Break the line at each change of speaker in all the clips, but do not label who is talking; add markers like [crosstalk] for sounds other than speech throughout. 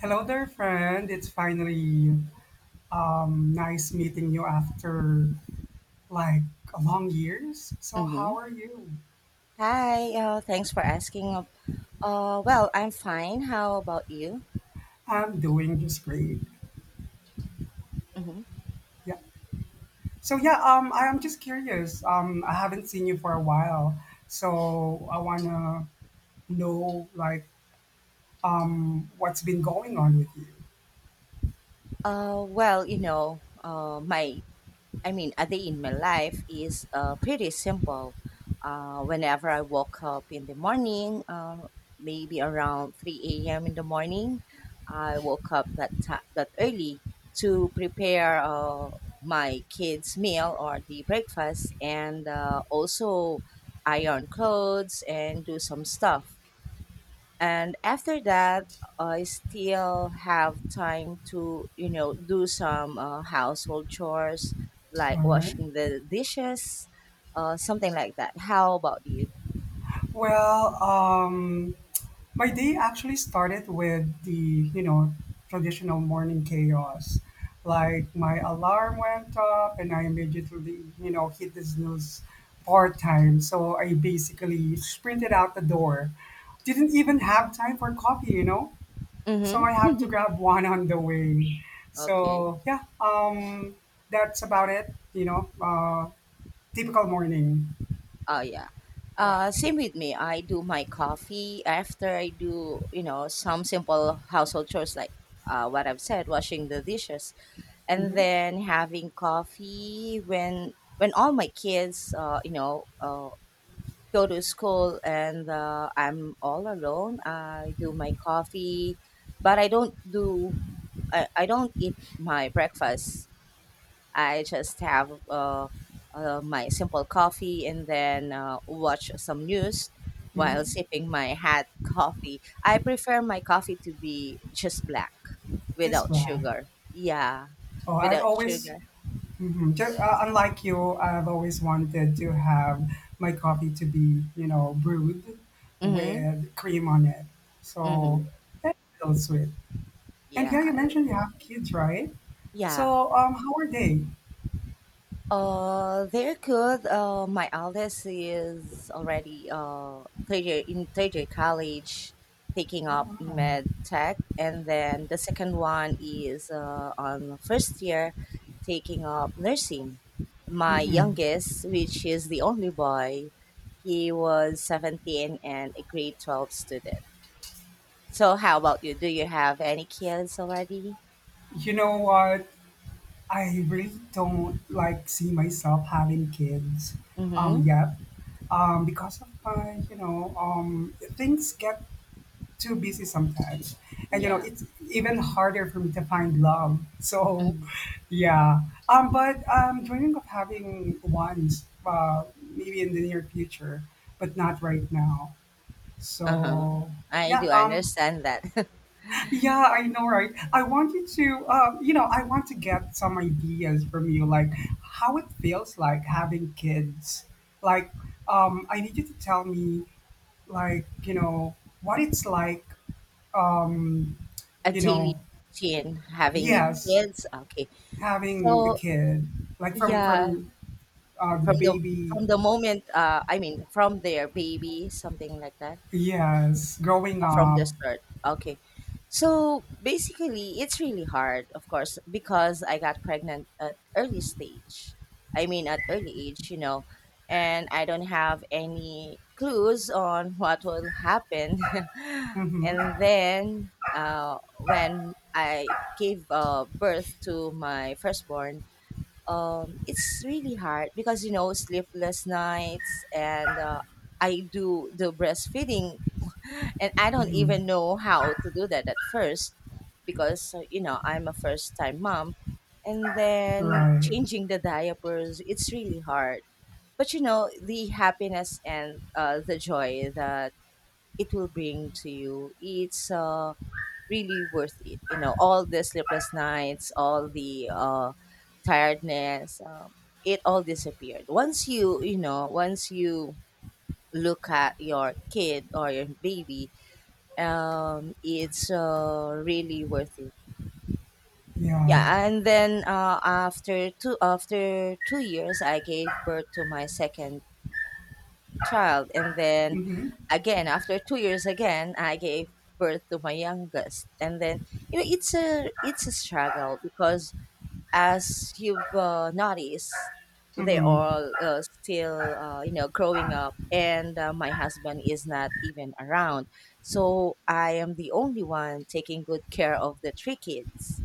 Hello there, friend. It's finally nice meeting you after like a long years. So
Mm-hmm.
how are you?
Hi, thanks for asking. Well, I'm fine. How about you?
I'm doing just great.
Mm-hmm.
Yeah. So yeah, I am just curious. I haven't seen you for a while, so I wanna know like what's been going on with you.
Well, a day in my life is pretty simple. Whenever I woke up in the morning, maybe around 3 a.m. in the morning. I woke up that early to prepare my kids' meal or the breakfast, and also iron clothes and do some stuff. And after that, I still have time to do some household chores like
All right.
washing the dishes, something like that. How about you?
Well, my day actually started with the, traditional morning chaos. Like my alarm went up and I immediately, hit the snooze part time. So I basically sprinted out the door. Didn't even have time for coffee, you know? So I have to
Mm-hmm. [laughs]
grab [laughs] one on the way.
Okay.
So yeah, that's about it. Typical morning.
Oh yeah,
Yeah.
same with me. I do my coffee after I do, you know, some simple household chores like what I've said, washing the dishes, and
Hmm.
then having coffee when all my kids, you know, go to school. And I'm all alone. I do my coffee, but I don't eat my breakfast. I just have my simple coffee and then watch some news while
Hmm.
sipping my hot coffee. I prefer my coffee to be just black
Just
without
that.
sugar. Yeah,
Oh, I've
without
always.
sugar.
Mhm. Unlike you, I've always wanted to have my coffee to be, brewed
Mhm.
with cream on it. So
Mhm.
that's so sweet. And yeah,
Yeah.
you mentioned you have kids, right?
Yeah.
So how are they?
They're good. My eldest is already third year college, taking up
Oh wow.
med tech, and then the second one is on first year, taking up nursing. My
Hmm.
youngest, which is the only boy, he was 17 and a grade 12 student. So, how about you? Do you have any kids already?
You know what? I really don't like see myself having kids
Mm-hmm.
yet. Because of my, things get too busy sometimes.
Yeah.
It's even harder for me to find love. [laughs] So,
Mm-hmm.
yeah. But I'm dreaming of having one, maybe in the near future, but not right now.
Uh huh.
So,
I
yeah.
do understand that. [laughs]
[clears throat] Yeah, I know, right? I want you to, I want to get some ideas from you, like how it feels like having kids. Like, I need you to tell me, like, what it's like, um
A
you
daily
know
routine, having
yes,
kids. Okay,
having a
so
kid like from
yeah,
from the
from the
baby,
from the moment, I mean, from their baby, something like that.
yes, growing
From
up.
the start. Okay. So basically, it's really hard, of course, because I got pregnant at early stage. I mean, at early age, you know, and I don't have any clues on [laughs] what will happen. [laughs]
Mm-hmm.
and then when I gave birth to my firstborn, it's really hard because, you know, sleepless nights, and I do the breastfeeding, [laughs] and I don't even
Hmm.
know how to do that at first because, you know, I'm a first time mom. And then
Right.
changing the diapers, it's really hard. But you know, the happiness and the joy that it will bring to you, it's really worth it. You know, all the sleepless nights, all the tiredness, it all disappeared. Once you, once you look at your kid or your baby, it's really worth it.
Yeah.
Yeah, and then after 2 years, I gave birth to my second child. And then
Mm-hmm.
again, after 2 years again, I gave birth to my youngest. And then you know, it's a struggle because as you've noticed, they're
Mm-hmm.
all still you know, growing up, and my husband is not even around. So I am the only one taking good care of the three kids,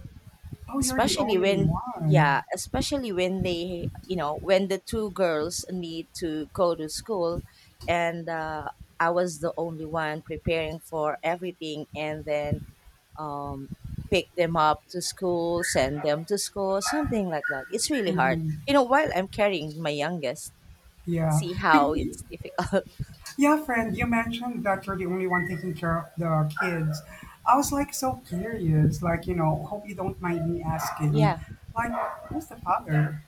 Oh, you're the
especially
only
when yeah
one.
especially when they, when the two girls need to go to school. And I was the only one preparing for everything, and then um, pick them up to school, send them to school, something like that. It's really hard,
Mm-hmm.
you know, while I'm carrying my youngest.
yeah
See
you,
how
you-
it's difficult.
yeah friend, you mentioned that you're the only one taking care of the kids. I was like so curious, like hope you don't mind me asking,
[laughs] Yeah.
like who's the father?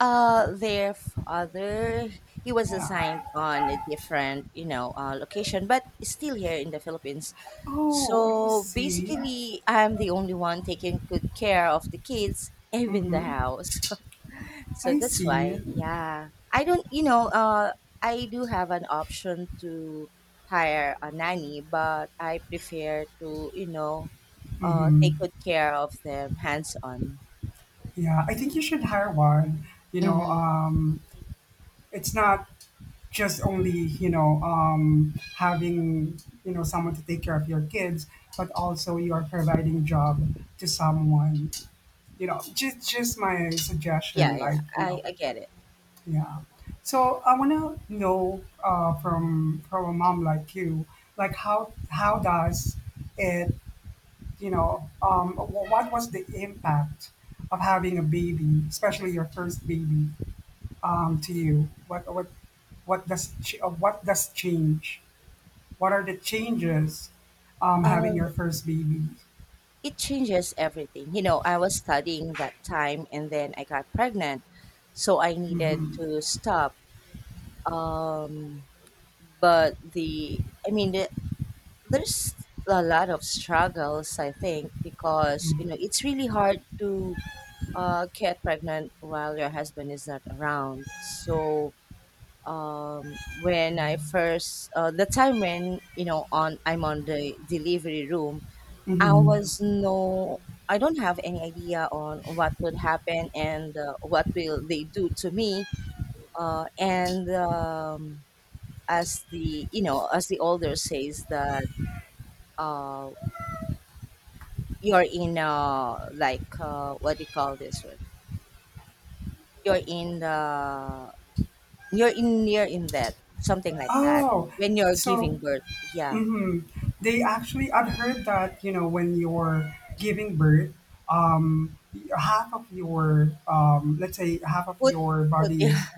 their father, he was
Yeah.
assigned on a different, you know, location, but still here in the Philippines.
Oh, I
So
see.
basically, I'm the only one taking good care of the kids, even the
Mm-hmm.
house. [laughs] So
I
that's
see.
why, yeah, I don't, you know, I do have an option to hire a nanny, but I prefer to, you know,
Mhm.
take good care of them hands on.
Yeah, I think you should hire one. You know,
Mm-hmm.
um, it's not just only, having someone to take care of your kids, but also you are providing job to someone. Just my
Yeah,
suggestion.
yeah,
Like,
I, I get it.
yeah. So I want to know, from a mom like you, like how does it, what was the impact of having a baby, especially your first baby, to you? What does change? What are the changes, having
Uh,
your first baby?
it changes everything. You know, I was studying that time and then I got pregnant. So I needed
Hmm.
to stop, um, but the I mean the, there's a lot of struggles, I think, because you know, it's really hard to get pregnant while your husband is not around. So um, when I first the time when, you know, on I'm on the delivery room, I
Hmm.
was no I don't have any idea on what would happen and what will they do to me. And As the you know, as the older says, that uh you're in, what do you call this one, you're in the you're in near in that, something like that.
Oh,
When you're giving
so.
birth, yeah.
Mm-hmm. I've heard that, when you're giving birth, um, half of your, let's say half of
foot
your
foot [laughs]
body
yeah
is,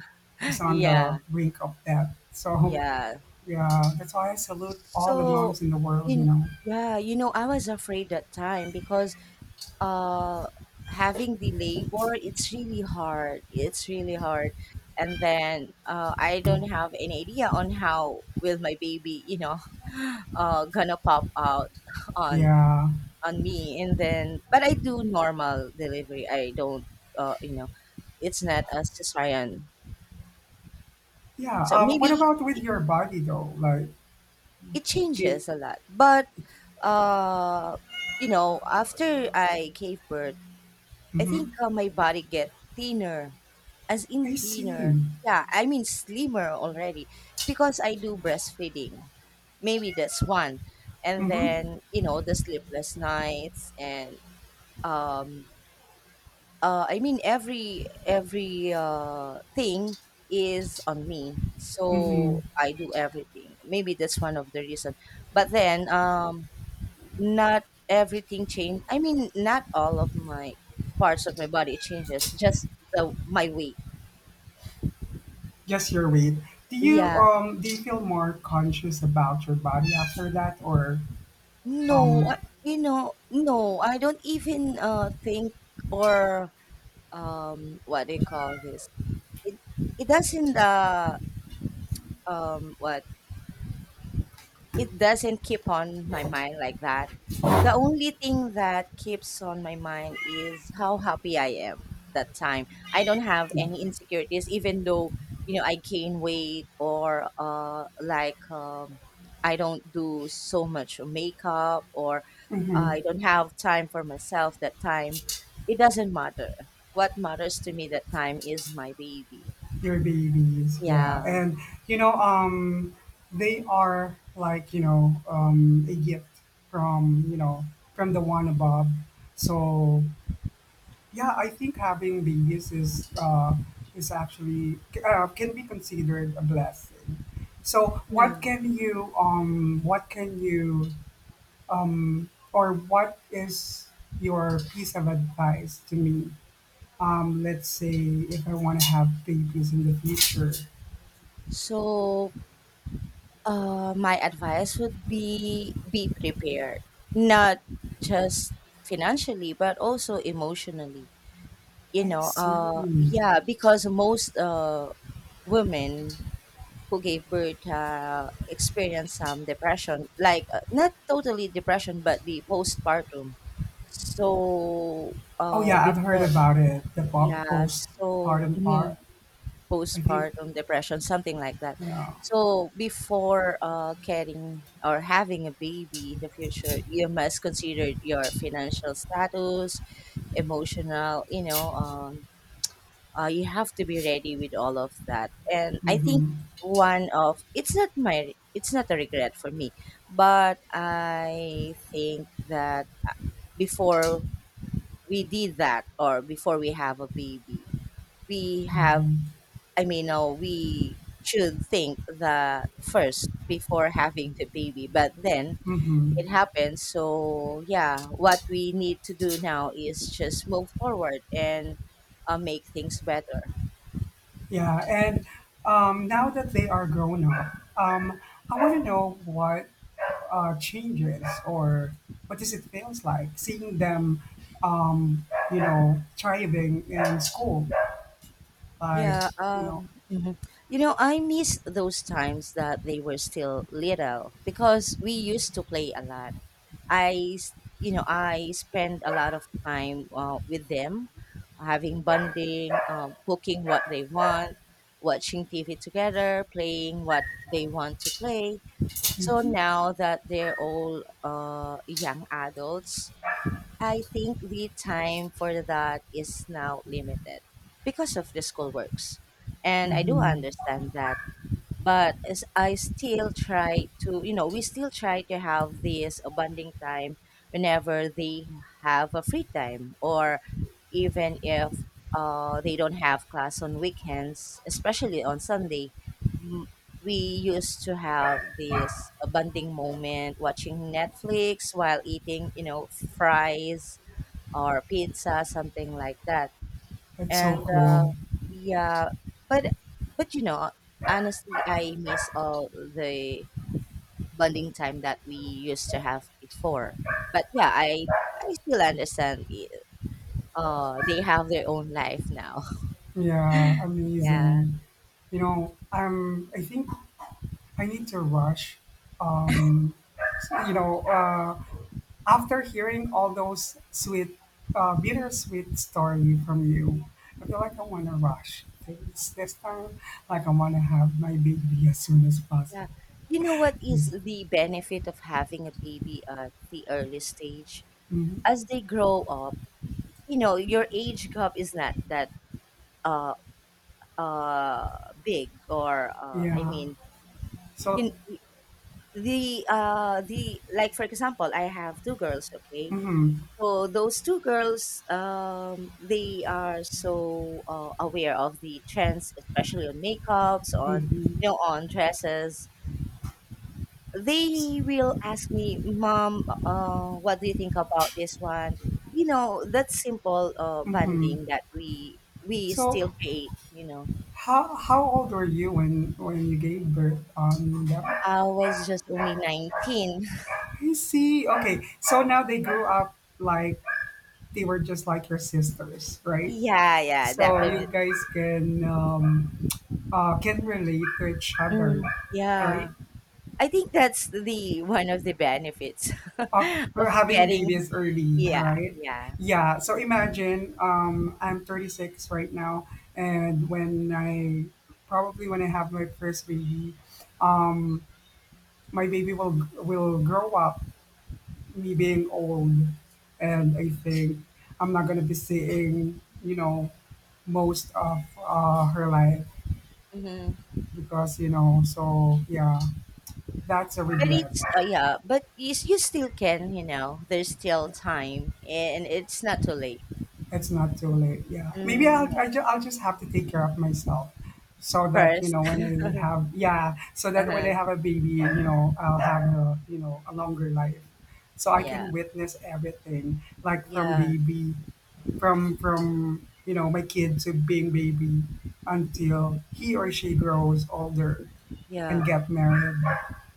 is on the
yeah.
brink of death. So
Yeah.
yeah, that's why I salute all the
so
moms in the world, you
in
know?
Yeah, you know, I was afraid that time because uh having the labor, it's really hard. And then I don't have any idea on how will my baby, you know, [laughs] gonna pop out [laughs] on
Yeah.
on me. And then, but I do normal delivery. I don't you know It's not a cesarean.
Yeah.
So
What
maybe
about with your body though? Like,
it
do,
changes a lot. But uh you know, after I gave birth, I
mm-hmm.
think my body get thinner. As in
I
thinner.
see.
Yeah, I mean slimmer already, because I do breastfeeding. Maybe that's one. And
Mm-hmm.
then, you know, the sleepless nights and um, every every thing is on me.
Mm-hmm.
So I do everything. Maybe that's one of the reason. But then um, not everything changed. I mean, not all of my parts of my body changes, just the my weight.
Just your weight. Do you,
Yeah.
um, do you feel more conscious about your body after that or?
No,
Um,
you know, no, I don't even think or what do you call this? It it doesn't what It doesn't keep on my mind like that. The only thing that keeps on my mind is how happy I am that time. I don't have
yeah,
any insecurities, even though, you know, I gain weight, or like I don't do so much makeup, or
mm-hmm.
I don't have time for myself that time. It doesn't matter. What matters to me that time is my baby.
Your babies,
Yeah.
yeah, and, you know, um, they are like, a gift from, from the one above. So yeah, I think having babies is, actually, can be considered a blessing. So what
Yeah.
can you, or what is your piece of advice to me? Let's say if I want to have babies in the future.
So, my advice would be prepared, not just financially, but also emotionally. You
I
know,
see.
yeah, because most women who gave birth experience some depression, like not totally depression, but the postpartum. So,
Oh yeah, I've heard
before,
about it. The
yeah, so,
postpartum
mm-hmm,
part. I think.
postpartum depression, something like that.
Yeah.
So before getting or having a baby in the future, you must consider your financial status, emotional, you know, you have to be ready with all of that. And I think
Mm-hmm.
one of it's not a regret for me, but I think that before we did that, or before we have a baby, we have
Uh-huh.
I mean, no, we should think that first before having the baby, but then
Mm-hmm.
it happens. So yeah, what we need to do now is just move forward and make things better.
Yeah, and, now that they are grown up, I want to know what, changes, or what does it feels like seeing them, um, thriving in school. Like,
Yeah,
you know,
mhm. You know, I miss those times that they were still little because we used to play a lot. You know, I spend a lot of time with them, having bonding, cooking what they want, watching TV together, playing what they want to play. So now that they're all young adults, I think the time for that is now limited because of the school works. And I do
mm-hmm.
understand that, but as I still try to, we still try to have this bonding time whenever they have a free time, or even if they don't have class on weekends, especially on Sunday. M- We used to have this bonding moment, watching Netflix while eating, you know, fries or pizza, something like that,
That's so
and
cool.
uh, yeah. But you know, honestly, I miss all the bonding time that we used to have before. But yeah, I still understand. They have their own life now.
Yeah,
[laughs] Yeah.
amazing. I think I need to rush. Um, you know, uh, After hearing all those sweet, bittersweet story from you, I feel like I want to rush things this time. Like I want to have my baby as soon as
Yeah,
possible.
you know what
Yeah.
is the benefit of having a baby at the early stage?
Mhm.
As they grow up, you know, your age gap is not that uh uh big, or I
Yeah.
mean,
So.
you, the like for example, I have two girls, okay?
Mm-hmm.
So those two girls um, they are so aware of the trends, especially on makeups, on,
Mm-hmm.
you know, on dresses. They will ask me, mom, what do you think about this one? You know, that simple
Mm-hmm.
bonding that we
So,
still create, you know.
how old were you when you gave birth? That
I was just only 19.
I see. Okay. So now they grew up like they were just like your sisters,
[laughs]
right?
Yeah, yeah,
So
definitely.
you guys can, can relate to each other,
Mm, yeah.
right?
I think that's the one of the benefits [laughs]
After
of
having
getting.
babies early,
Yeah,
right?
yeah.
Yeah. So imagine, I'm 36 right now, and when I probably when I have my first baby, um, my baby will grow up me being old, and I think I'm not gonna be seeing, most of, her life,
Hmm.
because so yeah, that's a
But
regret.
it's yeah, but you, you still can, you know, there's still time and it's not too late.
It's not too late, yeah, maybe
Hmm.
I'll just have to take care of myself, so that, you
First.
know when I have yeah, so
[laughs]
that when I
Uh-huh.
have a baby, I'll have a, a longer life, so I
Yeah.
can witness everything like, from
Yeah.
baby from you know my kid to being baby, until
Mhm.
he or she grows older and
Yeah.
get married,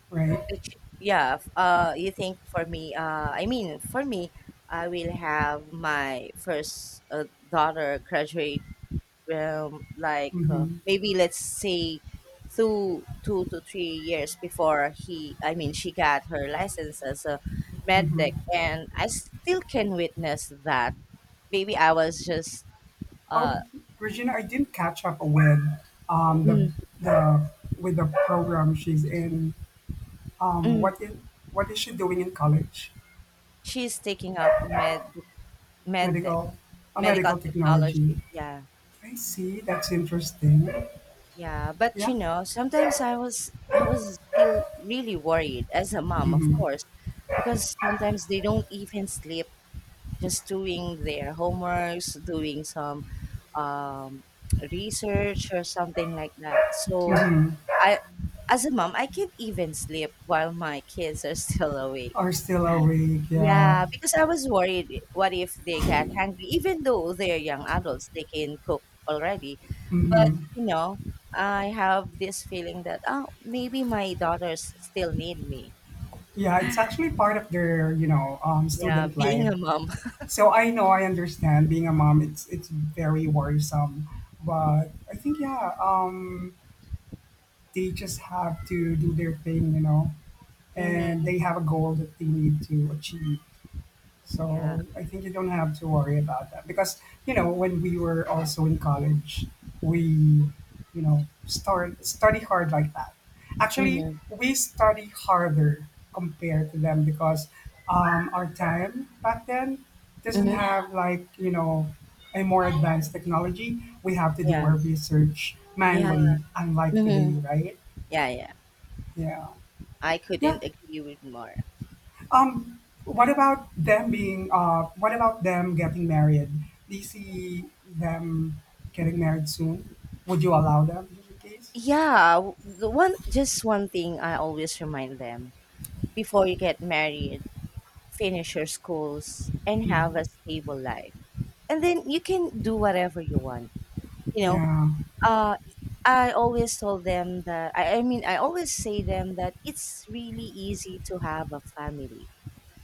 right.
Which, you think for me, for me, I will have my first daughter graduate
Mm-hmm.
maybe let's say two to three years before he I mean she got her license as a med tech,
Mm-hmm.
and I still can witness that. Maybe I was just
Oh,
uh
Regina, I didn't catch up with, the,
mm,
the program she's in, um
mm,
what is what is she doing in college?
she's taking up med tech.
Medical A
Medical
medical technology.
technology, yeah.
I see, that's interesting.
Yeah, but you
Yeah.
know, sometimes I was still really worried as a mom, of
Mm-hmm.
course, because sometimes they don't even sleep, just doing their homeworks, doing some um, research or something like that. So
Mm-hmm.
I, as a mom, I can't even sleep while my kids are [laughs] still awake.
Are still awake, yeah.
Yeah, because I was worried, what if they get hungry? Even though they're young adults, they can cook already. But,
Mm-hmm.
you know, I have this feeling that, oh, maybe my daughters still need me.
Yeah, it's actually part of their,
Yeah,
student
being
life.
a mom.
So I know, I understand. Being a mom, it's very worrisome, but I think, yeah, they just have to do their thing,
[laughs] hmm
and they have a goal that they need to achieve.
Yeah.
So I think you don't have to worry about that, because when we were also in college, we, start study hard like that. Actually,
hmm
we study harder compared to them because, our time back then doesn't
hmm
have like, a more advanced technology. We have to do
Yeah.
our research
Yeah.
manually, unlike today,
hmm
right?
Yeah, yeah.
Yeah,
I
yeah.
couldn't agree with more.
Um, what about them being, what about them getting married? Do you see them getting married soon? Would you allow them in your case?
The one thing I always remind them, before you get married, finish your schools and have
Mhm.
a stable life. And then you can do whatever you want. You know,
Yeah.
uh I always told them that I always say them that it's really easy to have a family,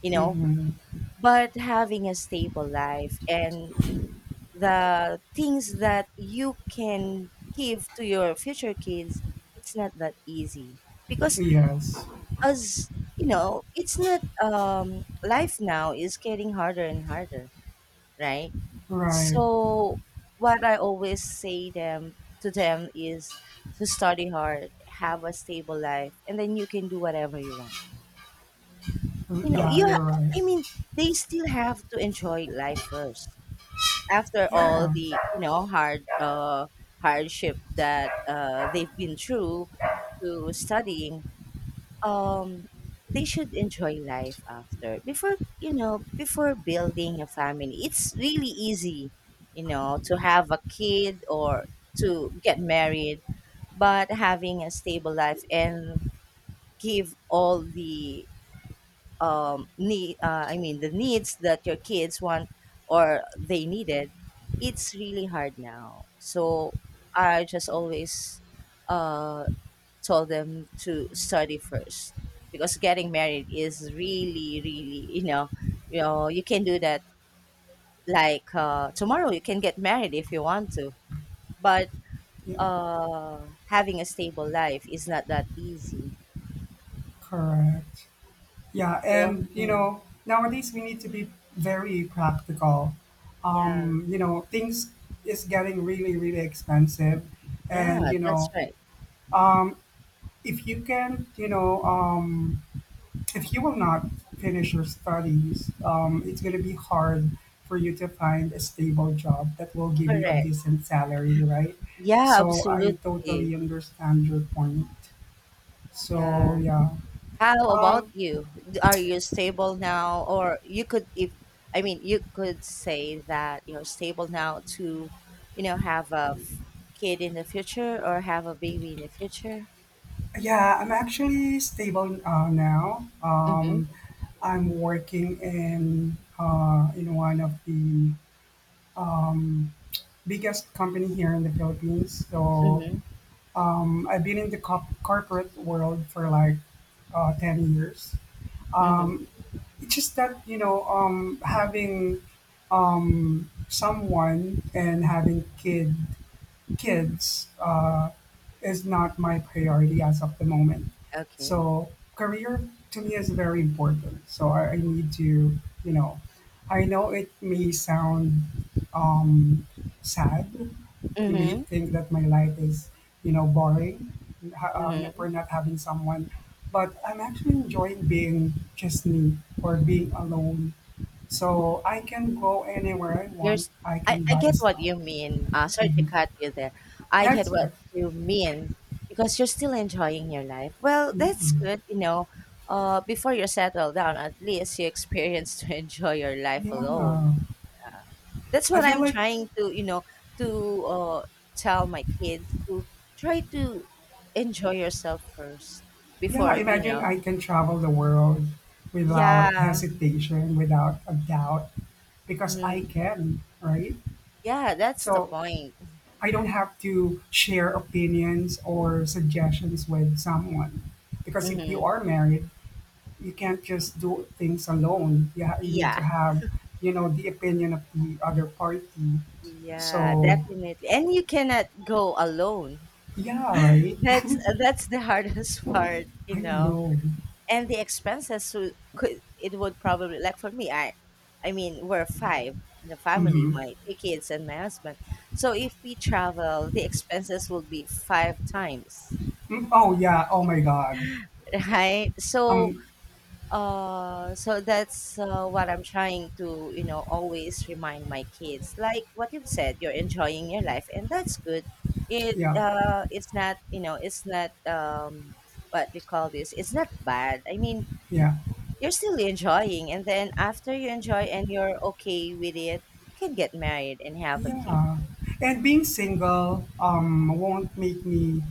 you know,
Hmm.
but having a stable life and the things that you can give to your future kids, it's not that easy, because
Yes.
as you know, it's not life now is getting harder and harder, right?
Right.
So what I always say them is to study hard, have a stable life, and then you can do whatever you want.
Mm,
You know
yeah,
you
you're
ha-
right.
I mean They still have to enjoy life first, after all
Yeah.
the, you know, hardship that they've been through, to studying um they should enjoy life after before, you know, before building a family. It's really easy, you know, to have a kid or to get married, but having a stable life and give all the the needs that your kids want or they needed, it's really hard now. So I just always uh, told them to study first, because getting married is really, really, you know, you can do that. Like tomorrow you can get married if you want to, but
Yeah.
having a stable life is not that easy.
Correct. Yeah,
So,
and,
mm,
nowadays we need to be very practical.
yeah,
Things is getting really, really expensive, and,
yeah,
you
that's
know,
right.
um, if you can, you know, if you will not finish your studies, it's going to be hard for you to find a stable job that will give you a
Correct.
decent salary, right?
Yeah,
So I totally
absolutely.
understand your point.
Yeah.
So yeah,
How about
um,
you? Are you stable now? Or you could, if, I mean, You could say that you're stable now to, you know, have a kid in the future, or have a baby in the future.
yeah, I'm actually stable, now.
Mm-hmm.
I'm working in, one of the biggest company here in the Philippines. So,
Mm-hmm.
I've been in the corporate world for like, 10 years.
Mm-hmm.
It's just that, having someone and having kids, is not my priority as of the moment.
Okay.
So career to me is very important. So I need to, you know, I know it may sound, um, sad. You may
Mm-hmm.
think that my life is, boring,
Mm-hmm.
for not having someone, but I'm actually enjoying being just me or being alone. So I can go anywhere I want.
There's
I
I
can
I
buy
get what
stuff.
you mean. Sorry to
Mhm.
cut you there. I get
That's
what
good.
you mean because you're still enjoying your life. Well,
Yeah,
that's good, you know. Before you settle down, at least you experience to [laughs] enjoy your life alone.
yeah.
That's
I
what
feel
I'm
like,
trying to, you know, to tell my kids to try to enjoy yourself first
yeah,
before, you
imagine
know.
I can travel the world without
Yeah.
hesitation, without a doubt, because I
Mm,
can, right?
yeah, that's the
So
point.
I don't have to share opinions or suggestions with someone. Because if you
Hmm
are married, you can't just do things alone. Yeah, you need
Yeah.
to have, the opinion of the other party.
Yeah,
So,
definitely. And you cannot go alone.
yeah, right?
[laughs] That's the [laughs] hardest part,
[laughs]
you
I
know.
know.
And the expenses would could it would probably like for me, we're five in the family,
Mm-hmm.
my three kids and my husband. So if we travel, the expenses will be five times.
Mm-hmm. Oh, yeah. Oh, my God.
[laughs] Right? So
Um,
so that's what I'm trying to, you know, always remind my kids. Like what you've said, you're enjoying your life, and that's good.
yeah,
It's not, you know, it's not what we call this. It's not bad. I mean,
yeah,
you're still enjoying, and then after you enjoy and you're okay with it, you can get married and have a kid.
yeah. And being single, won't make me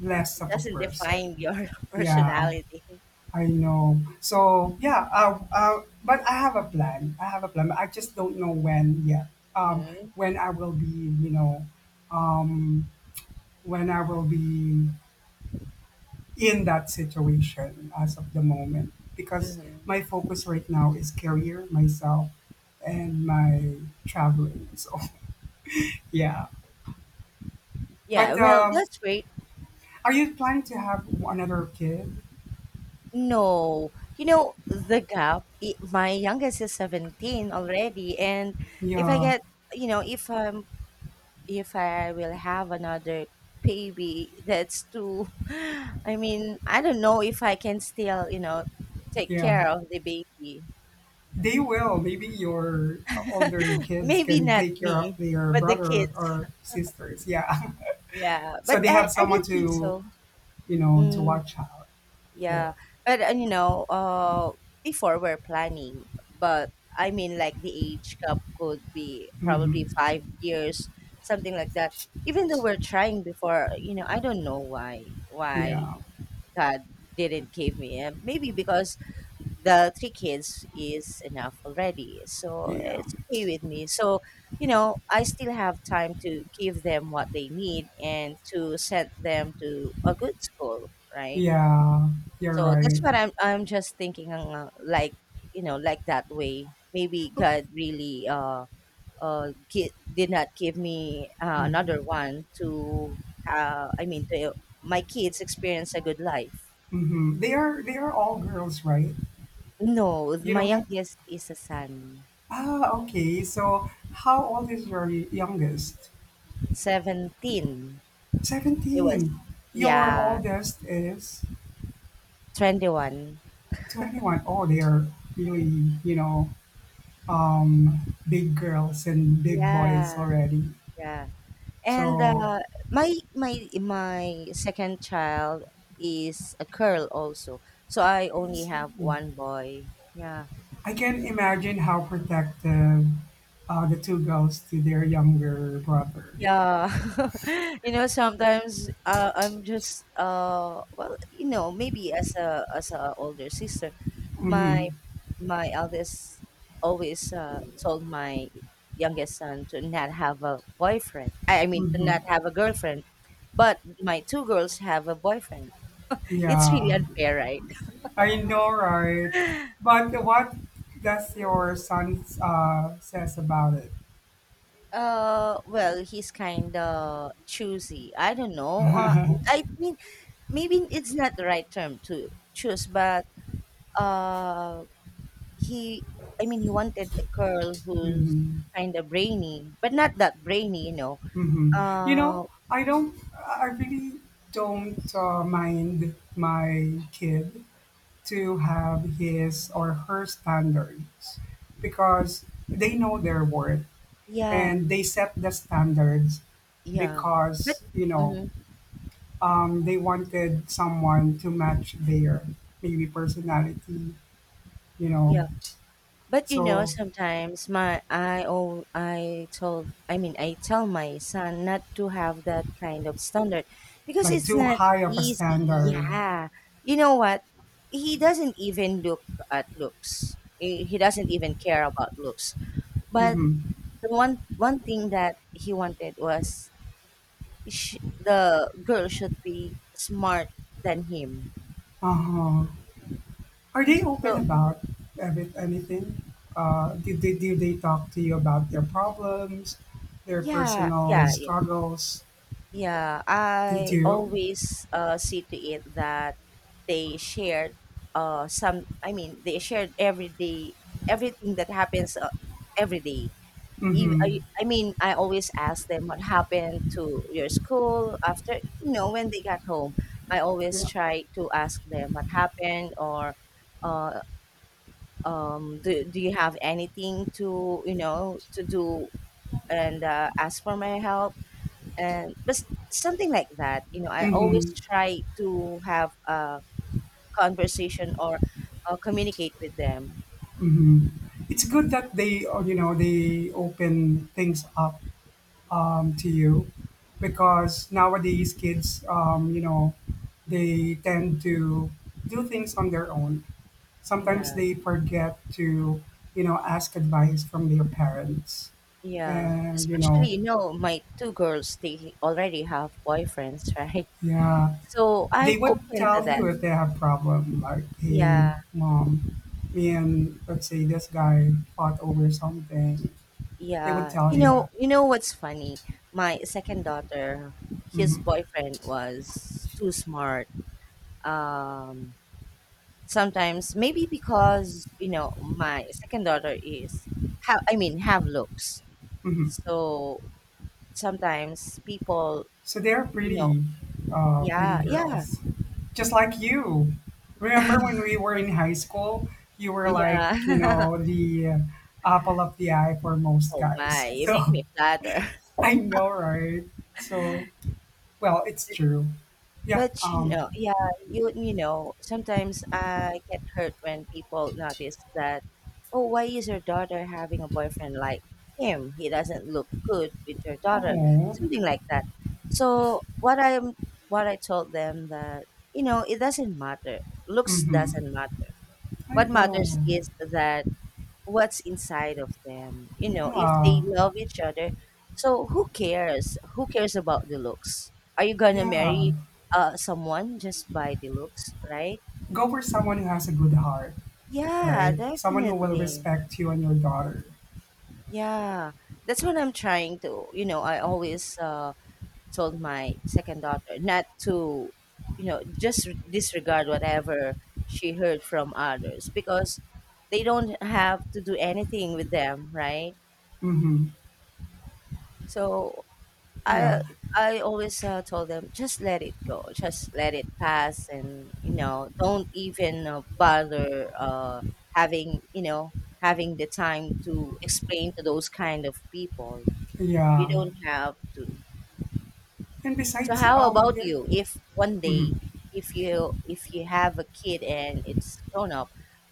less
It
of a
doesn't
person.
define your [laughs]
Yeah,
personality.
I know. So yeah, but I have a plan. I have a plan. I just don't know when yet. Um,
Hmm
when I will be, you know, um, when I will be in that situation as of the moment, because
hmm
my focus right now is career, myself, and my traveling. So [laughs] yeah.
Yeah,
But,
well, that's great.
are you planning to have another kid?
No. You know, the gap, I my youngest is 17 already, and if I
Yeah,
get, you know, if I will have another baby, that's too, [sighs] I mean, I don't know if I can still, you know, take
yeah.
care of the baby.
They will. Maybe your older
[laughs]
kids
Maybe
can
not
take care of
me,
their
but the
brother
kids.
or sisters. Yeah. [laughs]
Yeah,
So
but
they
I
have
I
someone
don't think
to,
so.
to
Mm.
watch out for.
Yeah, but and you know, before we're planning, but I mean, like the age gap could be probably
Hmm.
5 years, something like that. Even though we're trying before, you know, I don't know why
Yeah,
God didn't give me him. Maybe because the three kids is enough already, so
yeah,
it's okay with me. So you know, I still have time to give them what they need and to send them to a good school, right?
yeah. You're
So
right.
that's what I'm just thinking like you know, like that way. Maybe God really did not give me another
Mm-hmm.
one to uh I mean to uh, my kids experience a good life.
Mm-hmm. They are all girls, right?
No,
You
my
don't have.
youngest is a son,
Ah, okay. So how old is your youngest?
17. He was
17. Your
yeah
oldest is.
21.
To anyone, oh, they are really, you know, um, big girls and big boys
Yeah,
already.
yeah. And
So
my second child is a girl also. So I only have one boy. Yeah.
I can imagine how protective, the two girls to their younger brother.
Yeah. [laughs] You know, sometimes I'm just well, you know, maybe as a older sister, my
Mm-hmm.
my eldest always told my youngest son to not have a boyfriend. To
Mm-hmm.
not have a girlfriend. But my two girls have a boyfriend. [laughs] It's really
Yeah,
unfair, right?
I know, right?
[laughs]
But what does your son, says about it?
Well, he's kind of choosy. I don't know.
[laughs]
I mean, maybe it's not the right term to choose, but uh, he, he wanted a girl who's
Mhm.
kind of brainy, but not that brainy, you know.
You
Uh,
know, I really don't mind my kid to have his or her standards because they know their worth
yeah,
and they set the standards
yeah, but
because, you know,
mhm,
um, they wanted someone to match their maybe personality, you know.
but you know,
So,
sometimes my I oh I told I mean I tell my son not to have that kind of standard, because
like,
it's
too
not
high of a
easy.
standard.
Yeah. You know what? He doesn't even look at looks. He doesn't even care about looks. But
Mm-hmm.
the one thing that he wanted was sh the girl should be smart than him.
Uh-huh. Are they open
So
about anything? Do they talk to you about their problems, their
yeah,
personal
yeah, yeah.
struggles?
Yeah,
They
I
do.
always see to it that they shared they shared every day, everything that happens every day.
Mm-hmm.
I always ask them what happened to your school after, you know, when they got home. I always
Yeah.
try to ask them what happened or uh, do you have anything to, you know, to do and ask for my help and but s- something like that. You know, I always
Mm-hmm.
try to have a conversation or communicate with them.
Mm-hmm. It's good that they open things up to you, because nowadays kids, they tend to do things on their own. Sometimes
Yeah,
they forget to ask advice from their parents.
yeah,
And
especially, you know, my two girls, they already have boyfriends [laughs] right?
yeah,
So I'm
they would
open to
tell
that.
you if they have problem, like,
Yeah,
hey, mom, me and, let's say, this guy fought over something. They would
yeah.
tell
You
you
know,
that.
you know what's funny? My second daughter, his
hmm
boyfriend was too smart. um Sometimes maybe because, you know, my second daughter is have I mean have looks,
hmm
so sometimes people,
so they're
you know.
pretty, pretty
Yeah, yeah.
girls, just like you. Remember
[laughs]
when we were in high school, you were like,
Yeah.
the apple of the eye for
[laughs]
most
Oh my,
guys. [laughs]
you
So
make me flatter.
I know, right? So, well, it's true. Yeah.
But you know, yeah, you know, sometimes I get hurt when people notice that, oh, why is your daughter having a boyfriend like him? He doesn't look good with your daughter,
Oh.
something like that. So what I told them that, you know, it doesn't matter. Looks doesn't
Mm-hmm.
matter.
I
What
know.
matters is that what's inside of them. You know, if they
Yeah.
love each other, so who cares? Who cares about the looks? Are you gonna
Yeah.
marry someone just by the looks, right?
Go for someone who has a good heart,
Yeah,
right? Someone who will
definitely.
respect you and your daughter.
Yeah. That's what I'm trying to, you know, I always told my second daughter not to, you know, just disregard whatever she heard from others, because they don't have to do anything with them, right?
Mm-hmm.
So
Yeah.
I I always told them just let it go, just let it pass, and you know, don't even bother having you know having the time to explain to those kind of people. You
Yeah.
don't have to.
And
So
besides,
how about
yeah.
you? If one
Mm-hmm.
day, if you have a kid and it's grown up,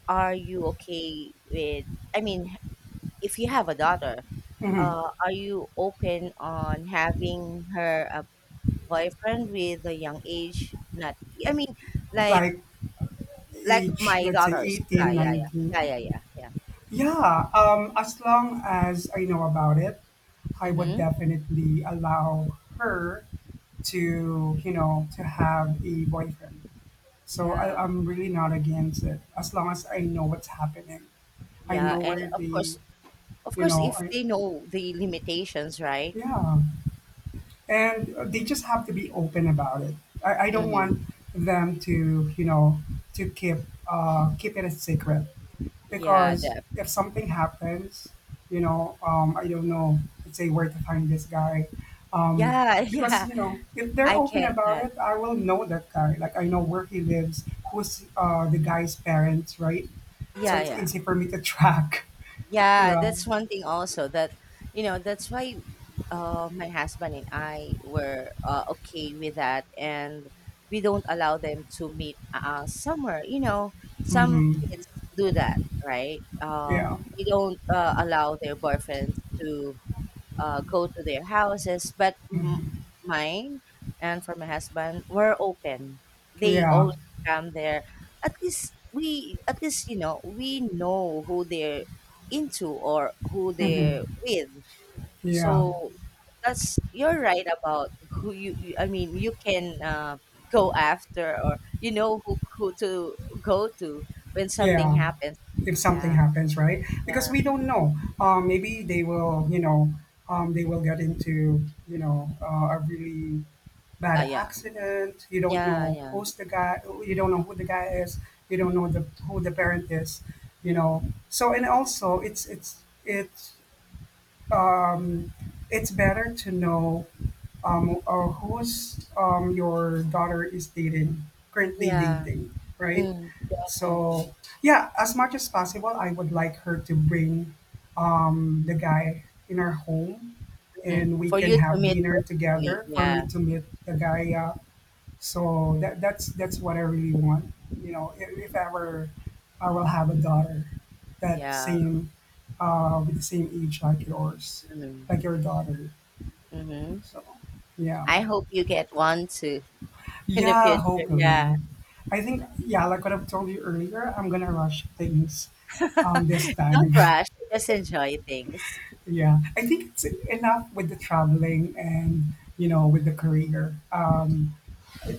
are you okay with? I mean, if you have a daughter,
Mm-hmm.
are you open on having her a boyfriend with a young age? Not, I mean, like
Like,
like
age,
my
let's say
daughters. Yeah,
18,
yeah, yeah, yeah,
19.
yeah, yeah, yeah.
Yeah. As long as I know about it, I would
Mm-hmm.
definitely allow her to to have a boyfriend. So
Yeah,
I'm really not against it, as long as I know what's happening. I
yeah,
know
and
where they,
of course, if
I,
they know the limitations, right?
yeah, and they just have to be open about it. I don't
Mm-hmm.
want them to to keep it a secret,
Yeah,
because
the,
if something happens, I don't know, let's say, where to find this guy. Um,
yeah, [laughs] yeah.
because if they're
I
open
get
about
that.
it, I will know that guy. Like, I know where he lives, who's the guy's parents, right? So
Yeah,
it's
yeah.
easy for me to track. [laughs]
Yeah,
Yeah.
that's one thing also that you know, that's why my husband and I were okay with that, and we don't allow them to meet somewhere. You know, some
Mm-hmm.
kids do that, right?
Yeah.
They don't allow their boyfriends to go to their houses. But
Mm-hmm.
mine and for my husband were open. They
Yeah.
always come there. At least we, at least you know, we know who they're into or who they're
Mm-hmm.
with.
Yeah.
So that's you're right about who you. You- I mean, you can go after or you know who to go to when something
Yeah.
happens.
If something
Yeah.
happens, right? Because we don't know. Maybe they will get into, a really, by
Yeah.
the
Yeah.
accident. You don't
Yeah.
know
Yeah.
who's the guy. You don't know who the guy is. You don't know the who the parent is. You know. So, and also um, it's better to know, who's your daughter is dating currently
Yeah.
dating, right?
Mm,
So
definitely.
yeah, as much as possible, I would like her to bring the guy in our home,
Mm,
and we
for
can
you to
have
meet
dinner
personally.
together for me
Yeah,
to meet the guy, so that that's what I really want. You know, if ever I will have a daughter that
yeah.
same with the same age like yours,
Mhm,
like your daughter.
mhm.
So yeah.
I hope you get one too [laughs] in the
Yeah,
future. Yeah.
hopefully. I think, yeah, like what I've told you earlier, I'm gonna rush things this
[laughs]
time.
Don't rush. Just enjoy things.
[laughs] Yeah. I think it's enough with the traveling and with the career.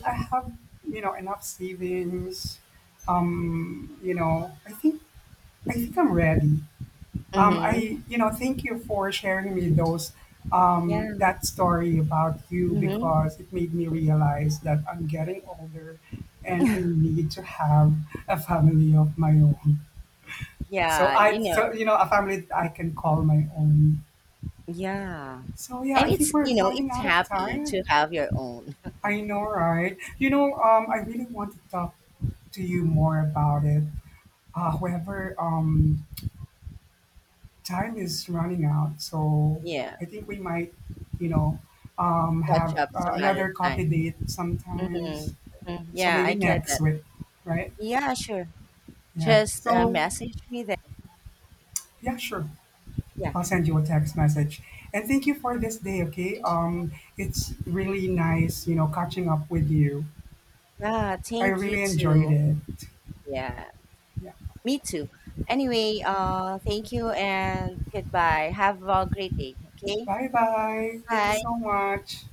I have enough savings. I think I'm ready.
Mm-hmm.
Thank you for sharing me those
Yeah.
that story about you,
Mm-hmm.
because it made me realize that I'm getting older and I need to have a family of my own. So
Yeah. You
I,
know.
so you know, a family that I can call my own.
Yeah.
So yeah,
And
I think
it's
we're
you know,
running
it's
out of
happy to
time.
have your own. [laughs]
I know, right? You know, I really want to talk to you more about it. However, time is running out, so
Yeah.
I think we might, you know,
Catch
have
up some other
another coffee
time.
date sometimes.
Mm-hmm. hmm
So
Yeah, I
maybe
get
next
that.
week, right?
Yeah, sure.
Yeah.
Just
So
message me that.
yeah, sure.
Yeah.
I'll send you a text message. And thank you for this day. Okay. It's really nice catching up with you.
Yeah.
I
Thank you
really enjoyed
too.
it.
Yeah.
Yeah.
Me too. Anyway, thank you and goodbye. Have a great day. Okay.
Bye bye. Thank you
Bye.
so much.